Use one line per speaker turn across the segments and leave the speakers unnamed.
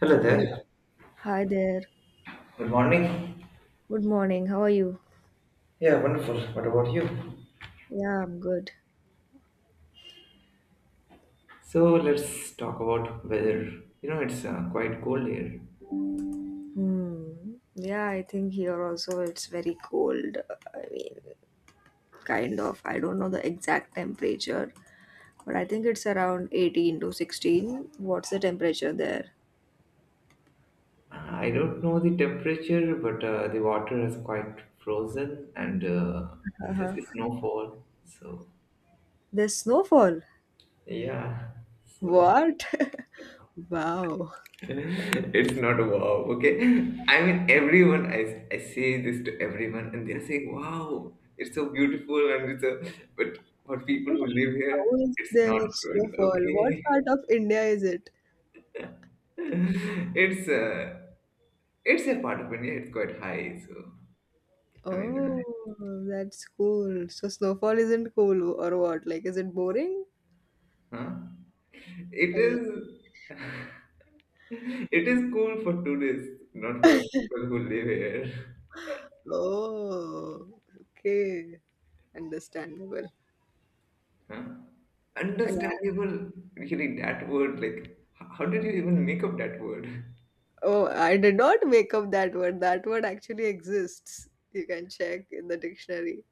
Hello
Hey,
there.
hi there.
Good morning.
Good morning. How are you?
Yeah, wonderful. What about you?
Yeah, I'm good.
So let's talk about weather. You know, it's quite cold here.
Hmm. Yeah, I think here also it's very cold. I mean, kind of. I don't know the exact temperature, but I think it's around 18 to 16. What's the temperature there?
I don't know the temperature, but the water is quite frozen and there's snowfall. So
There's snowfall.
yeah, so
What? Wow.
it's not wow. Okay, I mean everyone. I say this to everyone, and they're saying, "Wow, it's so beautiful," and it's a but for
But
people who live here,
how is
it's not
there
good.
snowfall?
Okay.
What part of India is it?
It's uh, it's a part of India. It's quite high, so I
Oh,
mean,
that's cool. So snowfall isn't cool or what? Like, is it boring?
huh? It
I mean,
is it is cool for tourists, not for people who live here.
oh, okay, understandable.
Huh?
Yeah.
Understandable, really, that word, like, how did you even make up that word?
Oh, I did not make up that word. That word actually exists. You can check in the dictionary.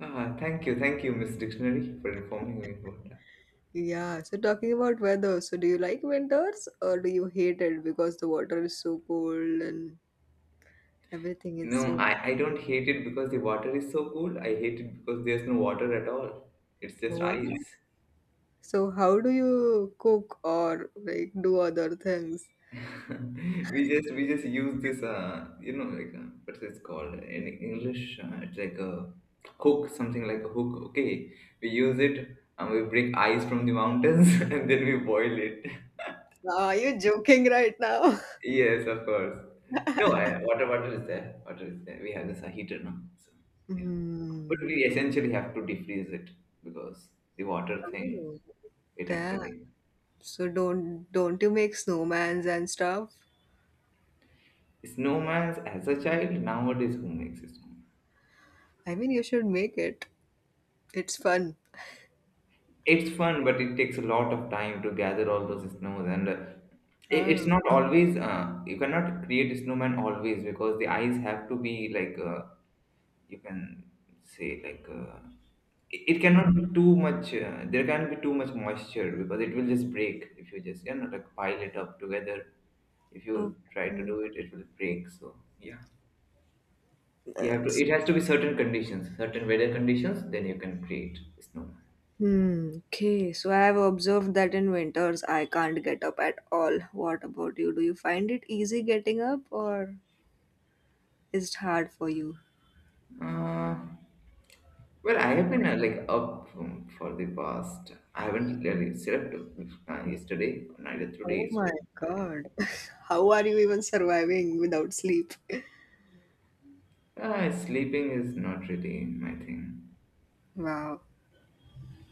Ah, thank you, Miss Dictionary, for informing me about that.
Yeah. So talking about weather, so do you like winters or do you hate it because the water is so cold and everything is
No,
so
I don't hate it because the water is so cool. I hate it because there's no water at all. It's just
wow.
ice.
So how do you cook or like do other things?
We just use this like what's it called in English it's like a hook, something like a hook, okay, we use it and we break ice from the mountains and then we boil it.
Are you joking right now?
Yes, of course. No, water is there, we have this heater now, so yeah, but
Hmm.
we essentially have to defreeze it because the water thing,
Oh,
it
damn.
actually
So don't you make snowmans and stuff?
snowman's as a child. Nowadays who makes a snowman?
I mean, you should make it. It's fun.
It's fun, but it takes a lot of time to gather all those snows, and it's
Ah,
not always. You cannot create a snowman always because the eyes have to be like. You can say like. It cannot be too much. There can't be too much moisture because it will just break if you just like pile it up together. If you try to
okay.
do it, it will break. So yeah, you have to.
That's-
It has to be certain conditions, certain weather conditions. Then you can create snowman.
Hmm. Okay. So I have observed that in winters I can't get up at all. What about you? Do you find it easy getting up, or is it hard for you?
Uh, Well, I have been like up for the past. I haven't really slept yesterday or neither
Oh
today,
my
so I,
God. How are you even surviving without sleep?
sleeping is not really my thing.
Wow.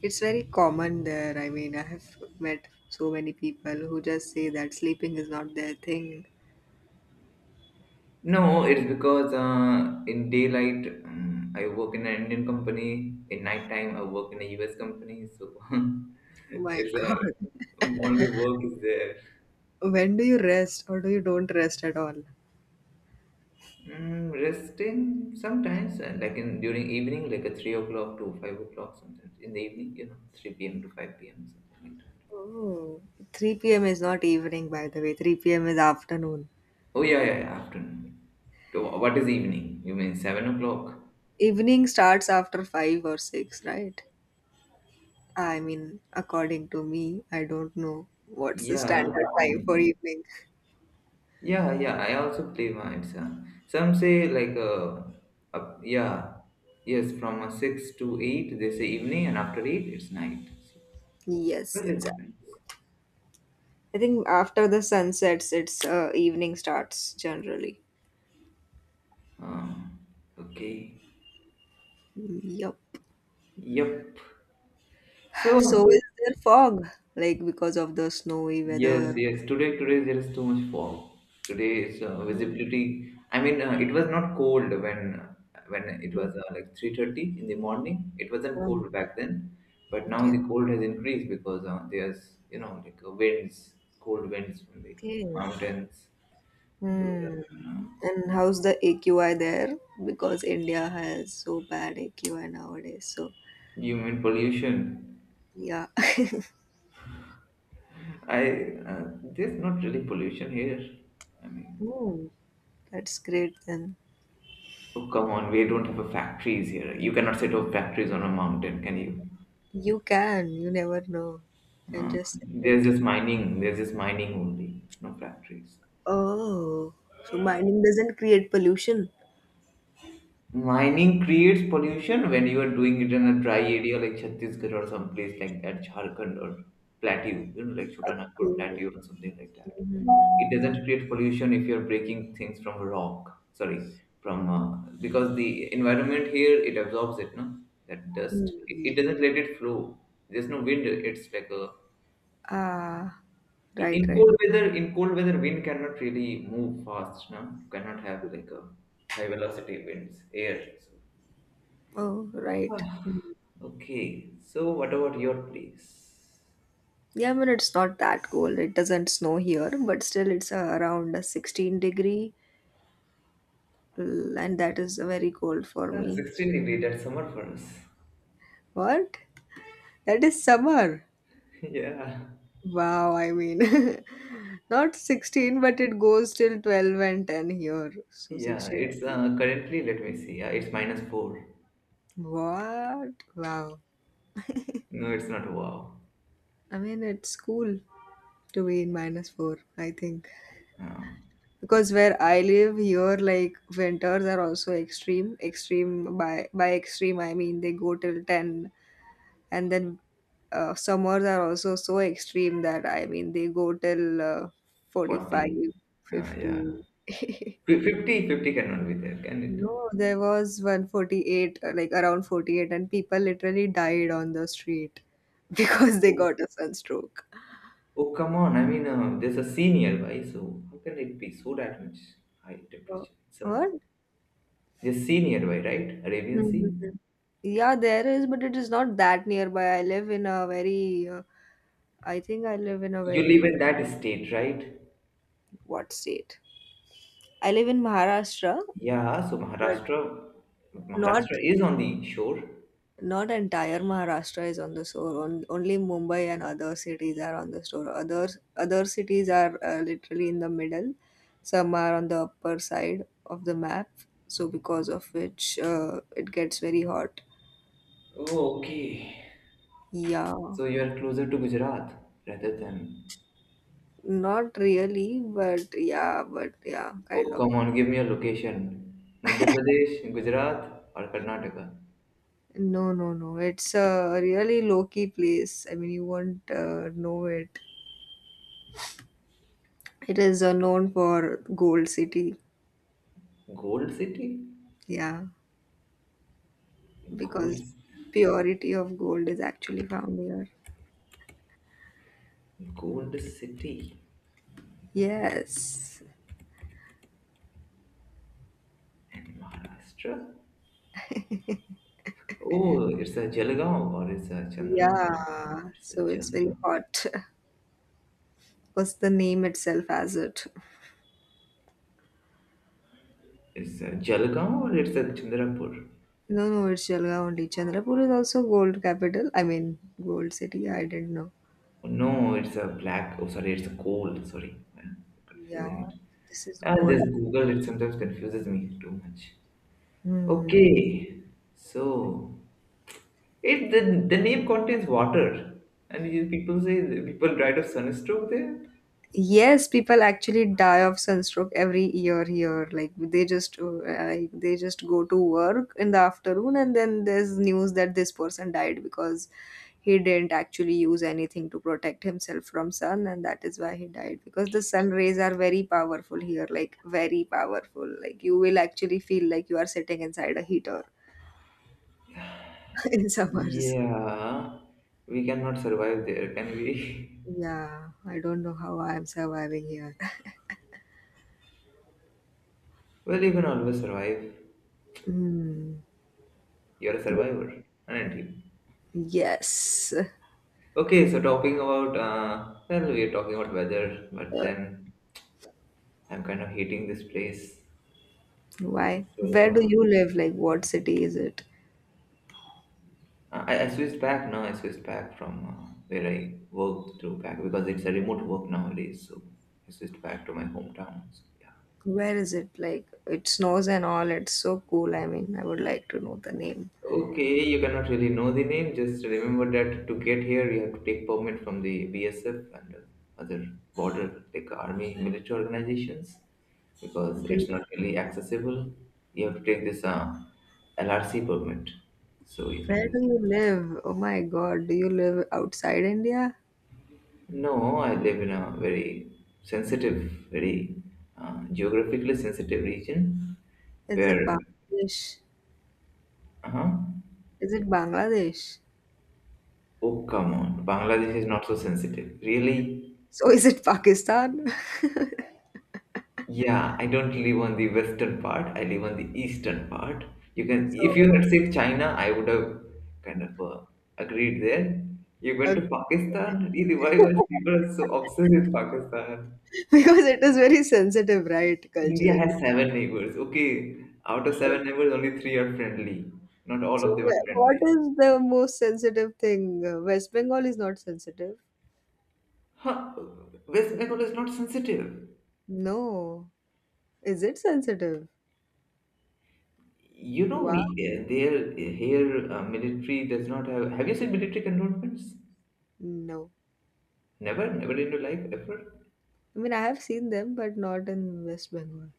It's very common there. I mean, I have met so many people who just say that sleeping is not their thing.
No, it's because in daylight I work in an Indian company. In nighttime I work in a US company, so
Oh my
it's like
God.
only work is there.
When do you rest or do you don't rest at all?
Resting sometimes, like in during evening, like a 3 o'clock to 5 o'clock sometimes in the evening, you know, 3 p.m. to 5 p.m. something like that.
Oh, 3 p.m. is not evening, by the way. 3 p.m. is afternoon.
Oh yeah, yeah, yeah, afternoon. To what is evening? You mean 7 o'clock?
Evening starts after 5 or 6, right? I mean, according to me, I don't know what's the
Yeah,
standard time for
mm,
evening.
yeah, yeah. I also play mites. Some say like up, yeah, yes, from six to eight they say evening, and after eight it's night. So,
Yes,
well, it
it's.
depends.
I think after the sun sets, it's evening starts generally.
Um, okay.
Mm, yep.
Yep.
So
So.
is there fog, like because of the snowy
Yes,
weather?
yes. Today there is too much fog. Today is visibility. I mean, it was not cold when it was like 3:30 in the morning. It wasn't cold
Mm.
back then, but now
Okay.
the cold has increased because there's like winds, cold winds from the
Okay.
mountains. Those
Hmm.
are,
And how's the AQI there? Because India has so bad AQI nowadays. So,
human pollution.
yeah.
I there's not really pollution here. I mean,
Hmm. That's great then.
oh come on, we don't have a factories here. You cannot set up factories on a mountain, can you?
You can, you never know. You can
Uh,
just send
There's
it.
just mining. There's just mining only, no factories.
Oh, so mining doesn't create pollution.
Mining creates pollution when you are doing it in a dry area like Chhattisgarh or some place like that, Jharkhand or Plateau, like Chota Nagpur
Okay.
Plateau or something like that.
Mhm.
It doesn't create pollution if you're breaking things from rock. Sorry, from because the environment here it absorbs it, no, that dust. It
Mhm.
doesn't let it flow. There's no wind. It's like a
Ah, right,
In
right.
cold weather, wind cannot really move fast, no? Cannot have like a high velocity winds, air. So.
Oh, right.
Ah,
Mhm.
okay, so what about your place?
Yeah, I mean, it's not that cold. It doesn't snow here, but still, it's around a 16-degree L- and that is very cold for
Ah,
me.
16-degree, that's summer for us.
What? That is summer.
Yeah,
Wow, I mean, not 16, but it goes till 12 and 10 here. So
yeah,
16.
it's currently, let me see, yeah, it's minus 4.
What? Wow.
No, it's not, wow.
I mean, it's cool to be in minus 4, I think.
Uh,
Because where I live here, like, winters are also extreme. Extreme, by extreme, I mean they go till 10 and then summers are also so extreme that I mean they go till 45
40. Yeah.
50.
50, cannot be there, can it?
No, there was 148 like around 48 and people literally died on the street because they got a sunstroke.
Oh, come on. I mean, there's a sea nearby, so how can it be so that much high
Oh,
temperature? Summer.
what?
There's sea nearby, right? Arabian
Mhm.
Sea.
Yeah, there is, but it is not that nearby. I live in a very, I think I live in a
You live in
very,
that state, right?
what state? I live in Maharashtra,
Yeah, so
but
Maharashtra,
not.
Maharashtra is on the shore.
Not entire Maharashtra is on the shore. Only Mumbai and other cities are on the shore. Other cities are literally in the middle. Some are on the upper side of the map. So because of which it gets very hot.
Oh, okay.
Yeah,
So you are closer to Gujarat rather than.
not really, but yeah, kind
Oh,
of.
come on, give me a location. Madhya Pradesh, Gujarat, or Karnataka?
No, no, no. It's a really low-key place. I mean, you won't know it. It is known for Gold City.
Gold City?
Yeah.
Gold,
Because purity of gold is actually found here.
Gold City,
Yes.
Maharashtra? Oh, it's a Jalgaon or it's a Chandrapur.
Yeah.
It's a
So it's very
Jalgaon.
hot. Was the name itself as it?
It's a Jalgaon or it's a Chandrapur.
No, no, it's Jalgaon only. Chandrapur is also gold capital. I mean, gold city. I didn't know.
Oh, no, it's a black. Oh, sorry, it's a coal. Sorry, I'm confusing
Yeah,
it.
this is
Ah, this
gold.
Google it sometimes confuses me too much.
Hmm.
Okay, so the name contains water, and people say people died of sunstroke there.
Yes, people actually die of sunstroke every year here. Like they just go to work in the afternoon and then there's news that this person died because he didn't actually use anything to protect himself from sun and that is why he died because the sun rays are very powerful here, like very powerful. Like you will actually feel like you are sitting inside a heater in summers.
Yeah, we cannot survive there, can we?
Yeah, I don't know how I am surviving here.
Well, you can always survive.
Mm,
You're a survivor, aren't you?
yes.
Okay, so talking about well, we're talking about weather, but then I'm kind of hating this place.
Why? Where
So
do you live? Like, what city is it?
I switched back now. I switched back from where I worked to back because it's a remote work nowadays. So I switched back to my hometown. So, yeah.
Where is it? Like, it snows and all. It's so cool. I mean, I would like to know the name.
Okay, you cannot really know the name. Just remember that to get here, you have to take permit from the BSF and other border like army military organizations because
Do you,
it's not really accessible. You have to take this LRC permit, so you can
where do
just.
you live? Oh my God. Do you live outside India?
No, I live in a very sensitive, very geographically sensitive region
Is it
where.
Bangladesh?
Uh-huh.
Is it Bangladesh?
Oh, come on. Bangladesh is not so sensitive. Really?
So, is it Pakistan?
Yeah, I don't live on the western part. I live on the eastern part. You can,
So,
if you had said China, I would have kind of agreed there. You went
uh,
to Pakistan. Really, why was people are so obsessed with Pakistan?
because it is very sensitive, right?
India
Culturally.
has seven neighbors. Okay, out of
Sensitive.
seven neighbors, only three are friendly. Not all
So,
of them are
what
friendly.
is the most sensitive thing? West Bengal is not sensitive.
Huh, West Bengal is not sensitive.
No. Is it sensitive?
You know,
Wow.
we there here military does not have. Have you seen military cantonments?
No.
Never, never in your life, ever.
I mean, I have seen them, but not in West Bengal.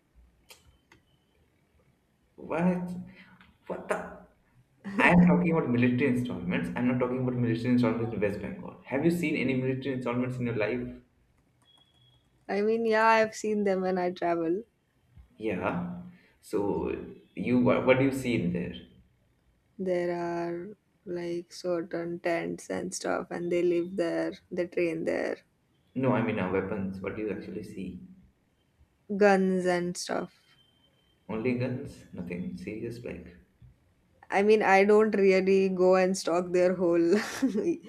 What? What the? I am talking about military installments. I'm not talking about military installments in West Bengal. Have you seen any military installments in your life?
I mean, yeah, I have seen them when I travel.
Yeah. So you what do you see in there?
There are like certain tents and stuff, and they live there, they train there,
No, I mean weapons. What do you actually see?
guns and stuff.
Only guns? Nothing serious like.
I mean, I don't really go and stalk their whole, like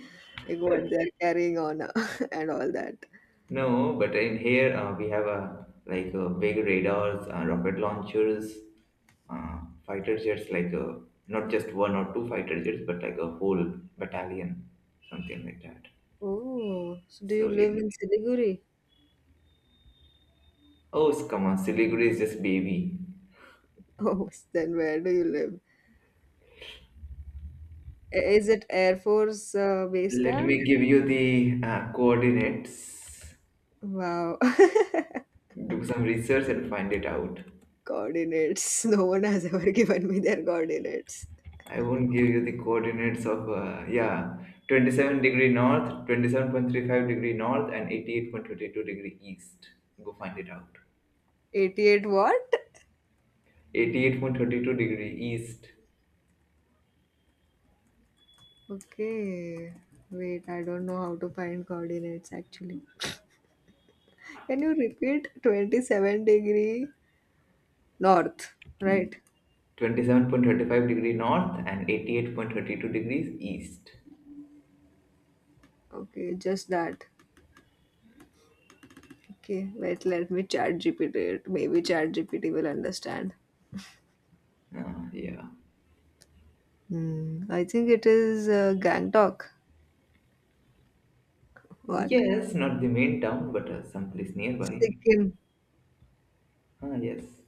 what they're carrying on and all that.
No, but in here we have a like big radars, rocket launchers, uh, fighter jets like not just one or two fighter jets, but like a whole battalion, something like that.
Oh, so do you
So,
live
yeah.
in Siliguri?
Oh, come on, Siliguri is just baby.
Oh, then where do you live? Is it Air Force Base
Let
Camp?
me give you the coordinates.
Wow.
Do some research and find it out.
Coordinates. No one has ever given me their coordinates.
I won't give you the coordinates of, yeah, 27-degree north, 27.35-degree north, and 88.32-degree east. Go find it out.
88 what?
88.32-degree east,
Okay. Wait, I don't know how to find coordinates actually. Can you repeat 27-degree north, right?
27.35-degree north, and 88.32 degrees east.
Okay, just that. Okay, wait, let me chat GPT it. Maybe chat GPT will understand.
Yeah.
Hmm. I think it is Gangtok. What?
Yes, not the main town, but someplace nearby.
Sikkim.
Ah, yes.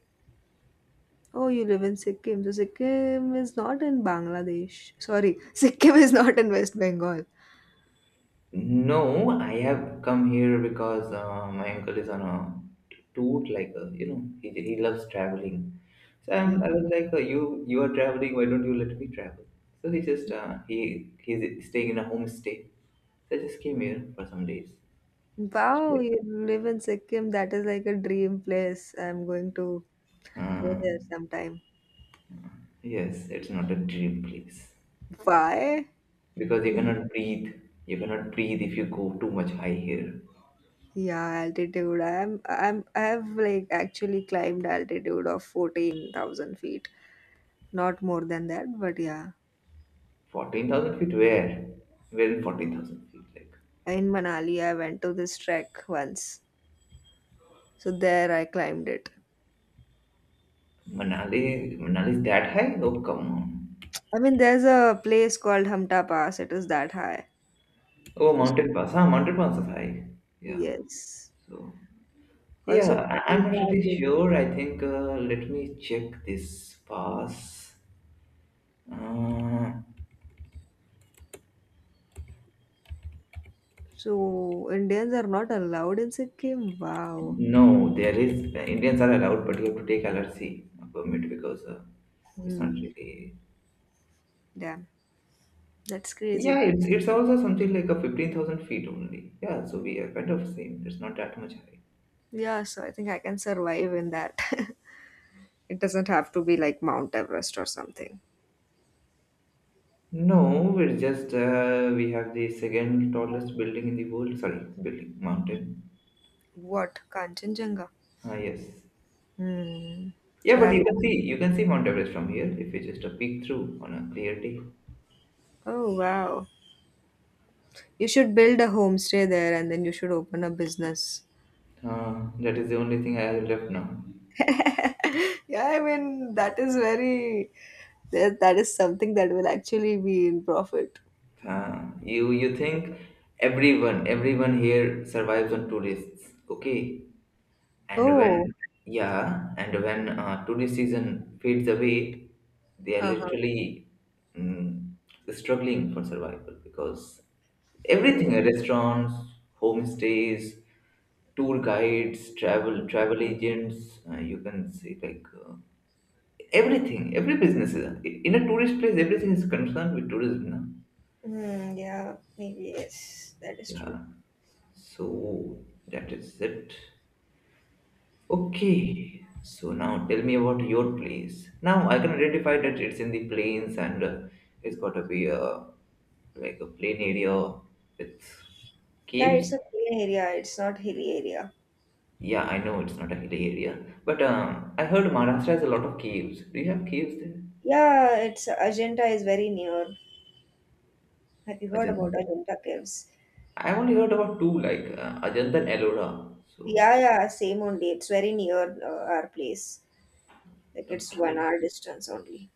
Oh, you live in Sikkim. So Sikkim is not in Bangladesh. Sorry, Sikkim is not in West Bengal.
No, I have come here because my uncle is on a tour. Like he loves traveling. So
Mm.
I was like, you are traveling. Why don't you let me travel? So he's staying in a homestay. So I just came here for some days.
Wow,
Actually,
you live in Sikkim. That is like a dream place. I'm going to go
uh,
there sometime.
yes, it's not a dream place
Why?
because you cannot breathe. You cannot breathe if you go too much high here.
Yeah, altitude. I have like actually climbed altitude of 14,000 feet. Not more than that, but yeah.
14,000 feet? Where? We're in 14,000 feet. Like
In Manali, I went to this trek once. So there I climbed it.
Manali is that high? Oh, come on.
I mean, there's a place called Hamta Pass. It is that high. If
Oh,
you-
mountain pass. Huh, mountain pass is high. Yeah.
Yes.
So, yeah,
Also,
I'm not really sure. I think, let me check this pass. Uh,
so Indians are not allowed in Sikkim. Wow.
no, the Indians are allowed, but you have to take LRC permit because it's not
Hmm.
really.
Damn. That's crazy.
Yeah, it's also something like a 15,000 feet only. Yeah, so we are kind of same. It's not that much high.
Yeah, so I think I can survive in that. It doesn't have to be like Mount Everest or something.
No, we have the second tallest building in the world. Sorry, building mountain.
What? Kanchenjunga.
Ah, yes.
Hmm.
Yeah,
So
but
have
you
you?
can see you can see Mount Everest from here if you just a peek through on a clear day.
Oh wow. You should build a homestay there and then you should open a business.
Ah, that is the only thing I have left now.
Yeah, I mean, that is very, that is something that will actually be in profit.
Ah, you think everyone here survives on tourists? Okay, and when,
Oh,
yeah, and when tourist season fades away, they are
uh-huh.
literally mm, struggling for survival because everything,
Oh,
restaurants, homestays, tour guides, travel agents, you can say like everything, every business is, in a tourist place, everything is concerned with tourism. Na?
mm, yeah, maybe yes, that is true.
Yeah, so that is it. Okay, so now tell me about your place. Now I can identify that it's in the plains, and it's got to be a like a plain area with
Yeah, it's
caves.
a plain area. It's not hilly area.
Yeah, I know it's not a hilly area, but I heard Maharashtra has a lot of caves. Do you have caves there?
Yeah, it's Ajanta is very near. Have you heard
Ajanta.
about Ajanta caves?
I only heard about two, like Ajanta and Ellora. So
Yeah, yeah, same only. It's very near our place. Like it's one
okay,
hour distance only.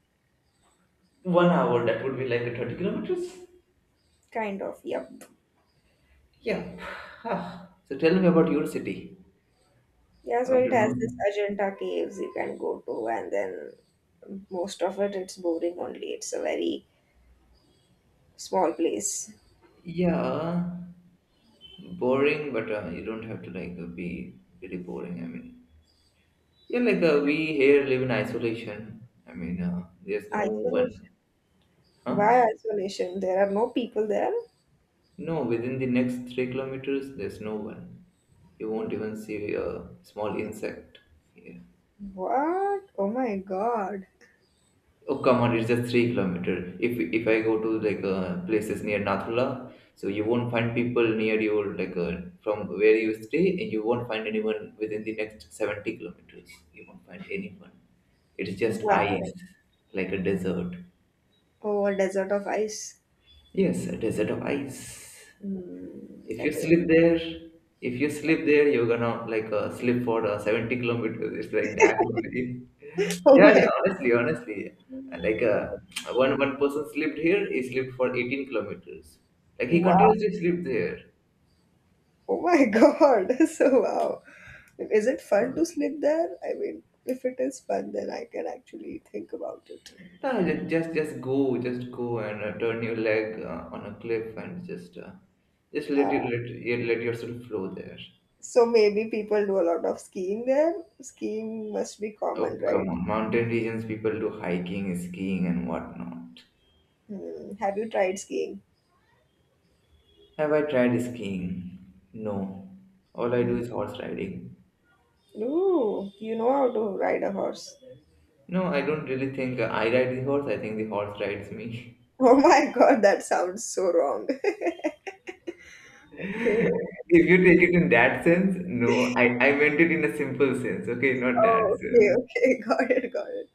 1 hour that would be like 30 kilometers.
Kind of. Yep.
Yeah. So tell me about your city.
Yeah,
I
so
want
it
to
has
know.
this Ajanta caves you can go to, and then most of it's boring only. It's a very small place.
Yeah, boring, but you don't have to be really boring. I mean, yeah, we here live in isolation. I mean, there's no
Isolation.
one, huh?
Why isolation? There are no people there.
No, within the next 3 kilometers, there's no one. You won't even see a small insect here.
What? Oh my God.
Oh come on, it's just 3 kilometer. If I go to places near Nathula, so you won't find people near your from where you stay, and you won't find anyone within the next 70 kilometers. You won't find anyone. It's just
Wow.
ice, like a desert.
Oh, a desert of ice.
Yes, a desert of ice.
Mm,
If you
that is.
sleep there, if you sleep there, you're gonna sleep for 70 kilometers. It's like that only.
Oh
Yeah,
my
yeah. Honestly, honestly, and,
God.
one person slept here. He slept for 18 kilometers. Like he
Wow.
continuously slept there.
Oh my God. So wow. Is it fun
No,
to sleep there? I mean, if it is fun, then I can actually think about it.
Just go, just go and turn your leg on a cliff and just just let you let you let yourself flow there.
So maybe people do a lot of skiing there. Skiing must be
Oh,
common,
come
right?
on. Mountain regions, people do hiking, skiing, and whatnot.
Hmm. Have you tried skiing?
Have I tried skiing? No. All I do is horse riding.
Ooh, you know how to ride a horse.
No, I don't really think I ride the horse. I think the horse rides me.
Oh my God, that sounds so wrong. Okay.
If you take it in that sense, no. I meant it in a simple sense, okay? Not that
Oh, okay,
sense.
okay, got it, got it.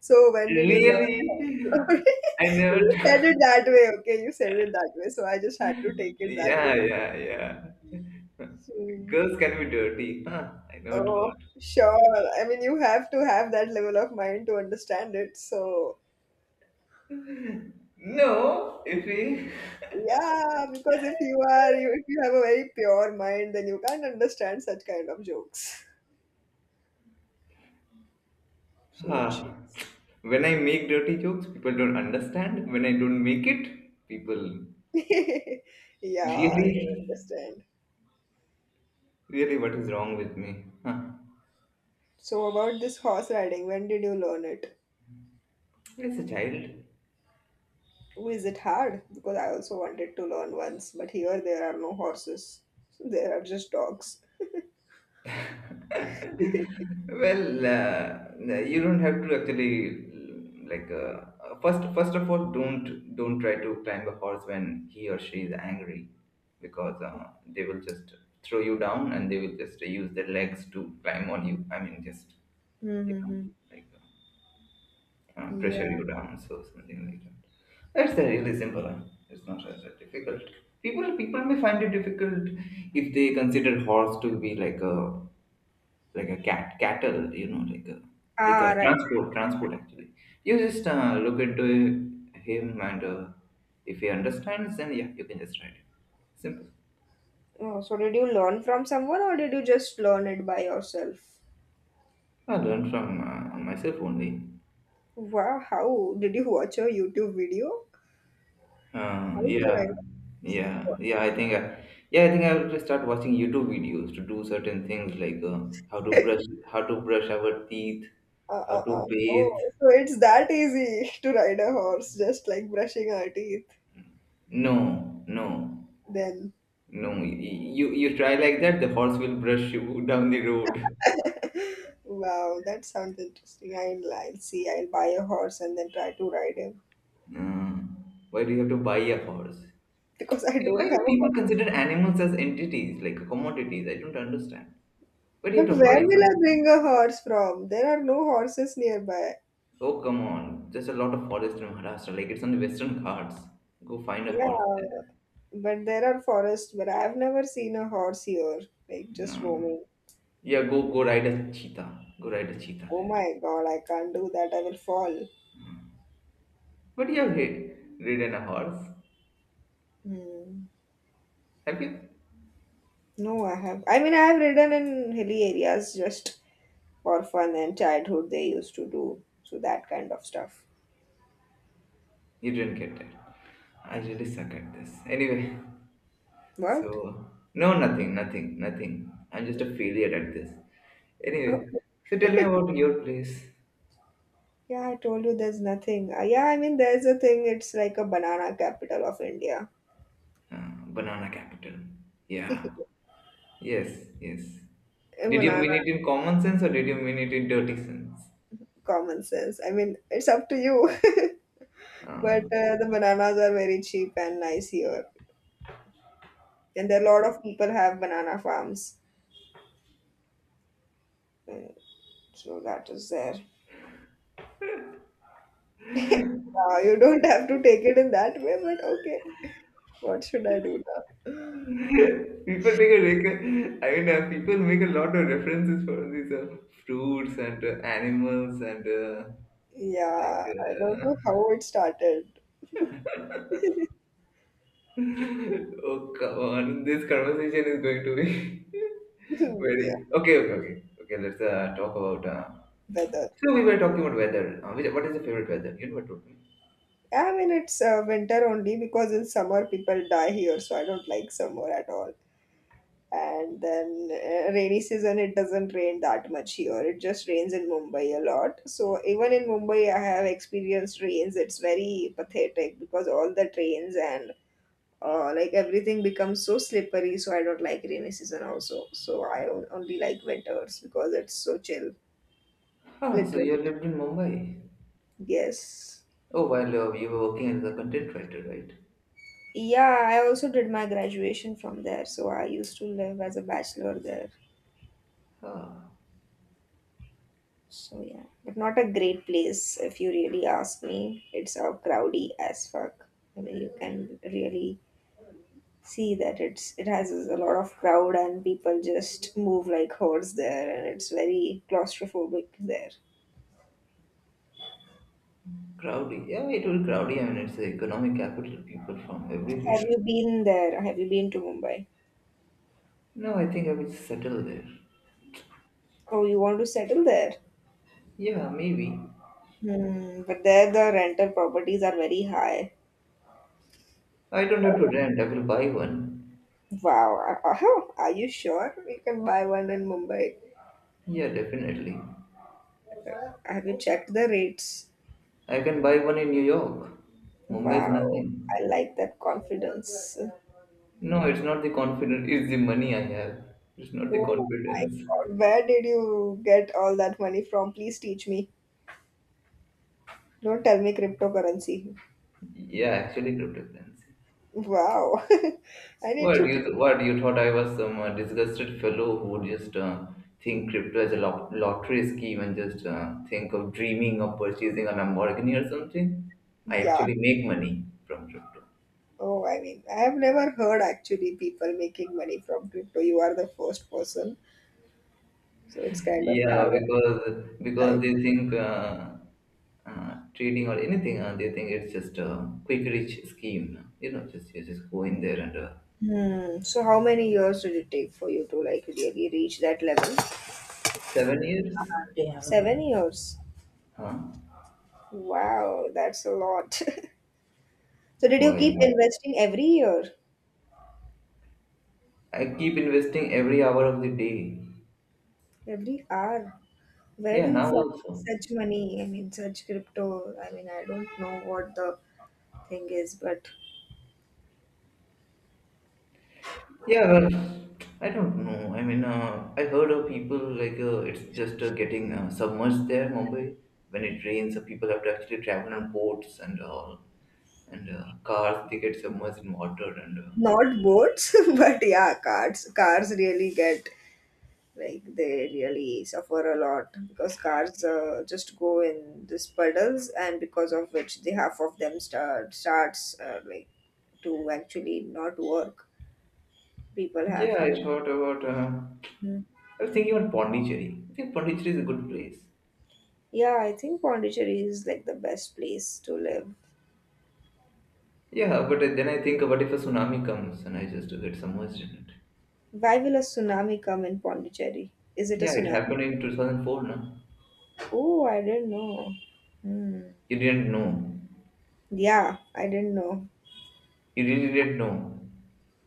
So when did you learn horse?
Really? I never
You said it that way, okay? You said it that way, so I just had to take it that
yeah,
way.
yeah, yeah.
Hmm.
Girls can be dirty. Huh, I never
Oh,
thought.
sure. I mean, you have to have that level of mind to understand it. So
No, if we
yeah, because if you have a very pure mind, then you can't understand such kind of jokes. So it
Huh?
shows.
When I make dirty jokes, people don't understand. When I don't make it, people
Yeah, I
really,
can understand.
really, what is wrong with me? Huh.
So about this horse riding, when did you learn it?
As a child.
Oh, is it hard? Because I also wanted to learn once, but here there are no horses. So there are just dogs.
Well, you don't have to actually First of all, don't try to climb a horse when he or she is angry, because they will just throw you down and they will just use their legs to climb on you. I mean, just you know,
Mm-hmm.
like. uh, pressure
Yeah.
you down, so something like that. That's a really simple. Huh? It's not that difficult. People may find it difficult if they consider horse to be like a cattle, you know, like
Ah,
a
right.
transport actually. You just look into him and if he understands, then yeah, you can just ride him. Simple.
Oh, so did you learn from someone or did you just learn it by yourself?
I learned from myself only.
Wow, how? Did you watch a YouTube video? How
Uh,
to
yeah,
ride a
yeah, yeah. I think, I, yeah, I think I will just start watching YouTube videos to do certain things like
horse.
how to brush our teeth, how to bathe.
Oh, so it's that easy to ride a horse, just like brushing our teeth.
No, no,
Then,
no. You try like that, the horse will brush you down the road.
wow, that sounds interesting. I'll see. I'll buy a horse and then try to ride him
Uh, why do you have to buy a horse?
because I
Like, why
don't have
do
a
people
horse.
consider animals as entities, like commodities? I don't understand. Why do you
But
have to buy
where will I bring
something?
a horse from? There are no horses nearby.
Oh, come on. There's a lot of forest in Maharashtra. Like, it's on the Western Ghats. Go find a
Yeah,
horse there.
but there are forests, but I've never seen a horse here, like
No.
just roaming.
Yeah, go ride a cheetah. Go ride a cheetah
Oh
there.
my God, I can't do that. I will fall.
But you have ridden a horse.
Hmm.
Have you?
No, I have. I mean, I have ridden in hilly areas just for fun and childhood they used to do. So that kind of stuff.
You didn't get it. I really suck at this. Anyway,
What?
so no, nothing, nothing, nothing. I'm just a failure at this. Anyway, so tell me about your place,
Yeah, I told you there's nothing. Yeah, I mean, there's a thing. It's like a banana capital of India.
Banana Capital. Yeah. Yes, yes.
A
Did you mean
banana,
it in common sense or did you mean it in dirty sense?
common sense. I mean, it's up to you. But
Ah,
the bananas are very cheap and nice here. And there are
yeah.
a lot of people have banana farms. Uh, so that is there. You don't have to take it in that way, but okay. What should I do now?
people take a rec- I mean, people make a lot of references for these fruits and animals and like.
Yeah, I don't
Uh,
know how it started.
oh come on! This conversation is going to be very
Yeah,
okay. Okay, okay, okay. Let's talk about.
weather.
So we were talking about weather. What is your favorite weather? You never told me.
I mean, it's winter only because in summer people die here, so I don't like summer at all. And then rainy season, it doesn't rain that much here. It just rains in Mumbai a lot. So even in Mumbai, I have experienced rains. It's very pathetic because all the trains and like everything becomes so slippery. So I don't like rainy season also. So I only like winters because it's so chill.
Huh, so you
Literally
have lived in Mumbai.
yes.
Oh, while you were working as a content writer, right?
Yeah, I also did my graduation from there. So I used to live as a bachelor there.
Ah,
So yeah, but not a great place if you really ask me. It's crowdy as fuck. I mean, you can really see that it has a lot of crowd and people just move like hordes there, and it's very claustrophobic there.
crowdy. Yeah, it will crowdy. I mean, it's the economic capital. People from
Have you
everywhere.
been there? Have you been to Mumbai?
No, I think I will settle there.
Oh, you want to settle there?
Yeah, maybe.
Hmm, but there the rental properties are very high.
I don't have to rent. I will buy one.
Wow. Oh, are you sure you can buy one in Mumbai?
Yeah, definitely.
Have you checked the rates?
I can buy one in New York. Mumbai is
Wow.
nothing.
I like that confidence.
No, it's not the confidence. It's the money I have. It's not the
Oh my
confidence.
God. Where did you get all that money from? Please teach me. Don't tell me cryptocurrency.
Yeah, actually, cryptocurrency.
Wow. I need
What
to. T-
you what you thought I was some disgusted fellow who would just think crypto as a lottery scheme and just think of dreaming of purchasing a Lamborghini or something? I
Yeah.
actually make money from crypto.
Oh, I mean, I have never heard actually people making money from crypto. You are the first person. So it's kind of
Yeah,
hard.
because they think trading or anything, they think it's just a quick rich scheme. No? You know, just you just go in there and
Hmm. So how many years did it take for you to like really reach that level?
7 years.
7 years.
Huh?
Wow, that's a lot. So did you
Why?
keep investing every year,
I keep investing every hour of the day.
every hour? Where do
Yeah,
you
now
find
also.
such money? I mean, such crypto. I mean, I don't know what the thing is, but
Yeah, well, I don't know. I mean, I heard of people it's just getting submerged there, Mumbai. When it rains, people have to actually travel on boats and all, and cars they get submerged in water. And
not boats, but yeah, cars. Cars really get like they really suffer a lot because cars just go in these puddles and because of which the half of them starts like to actually not work people
yeah,
have
I
to
thought about.
mhm.
I was thinking about Pondicherry. I think Pondicherry is a good place.
Yeah, I think Pondicherry is like the best place to live.
Yeah, but then I think, what if a tsunami comes and I just get submerged in it?
Why will a tsunami come in Pondicherry? Is it a
Yeah, it
tsunami?
happened in 2004, no?
Oh, I didn't know. Hmm.
You didn't know.
Yeah, I didn't know.
You really didn't know.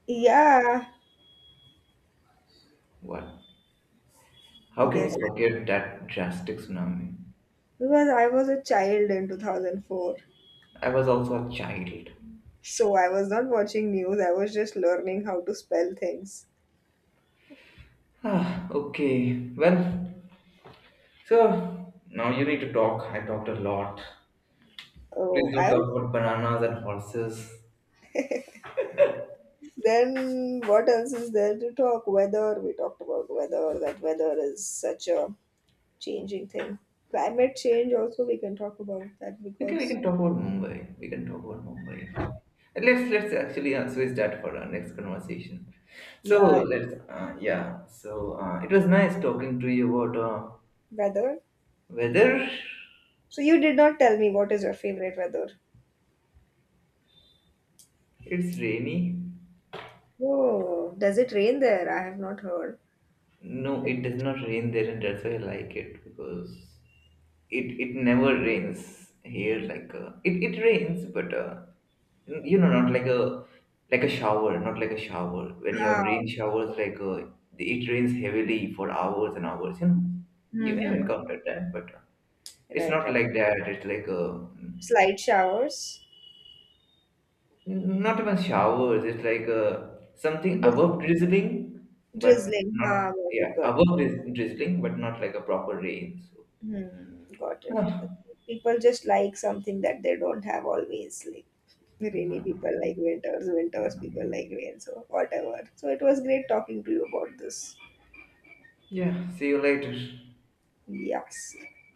Yeah,
What? How can
yes,
you forget that drastic tsunami?
because I was a child in 2004.
I was also a child.
So I was not watching news, I was just learning how to spell things.
Ah, okay. Well, so now you need to talk. I talked a lot.
Oh,
Please don't
I
talk
was.
about bananas and horses.
Then what else is there to talk? Weather, we talked about weather, that weather is such a changing thing. Climate change also we can talk about that
We can we
because
can talk about Mumbai. We can talk about Mumbai actually. And let's actually switch that for our next conversation. So
yeah,
let's yeah. So it was nice talking to you about
weather.
weather.
So you did not tell me what is your favorite weather.
It's rainy.
Oh, does it rain there? I have not heard.
No,
It,
it does not rain there, and that's why I like it because it never rains here like it, it rains but you know, not like a like a shower, not like a shower. When you have
ah,
rain showers, like it rains heavily for hours and hours, you know, you may have
mm-hmm.
encountered that but it's
Right,
not
right.
like that. It's like
Slight showers,
not even showers. It's like something
Drizz-
above drizzling but
drizzling.
not,
Ah, got
yeah,
it, got it.
above drizzling, but not like a proper rain. So
Hmm, got it. People just like something that they don't have always. Like rainy people like winters, winters people like rain, so whatever. So it was great talking to you about this.
yeah, see you later.
Yes.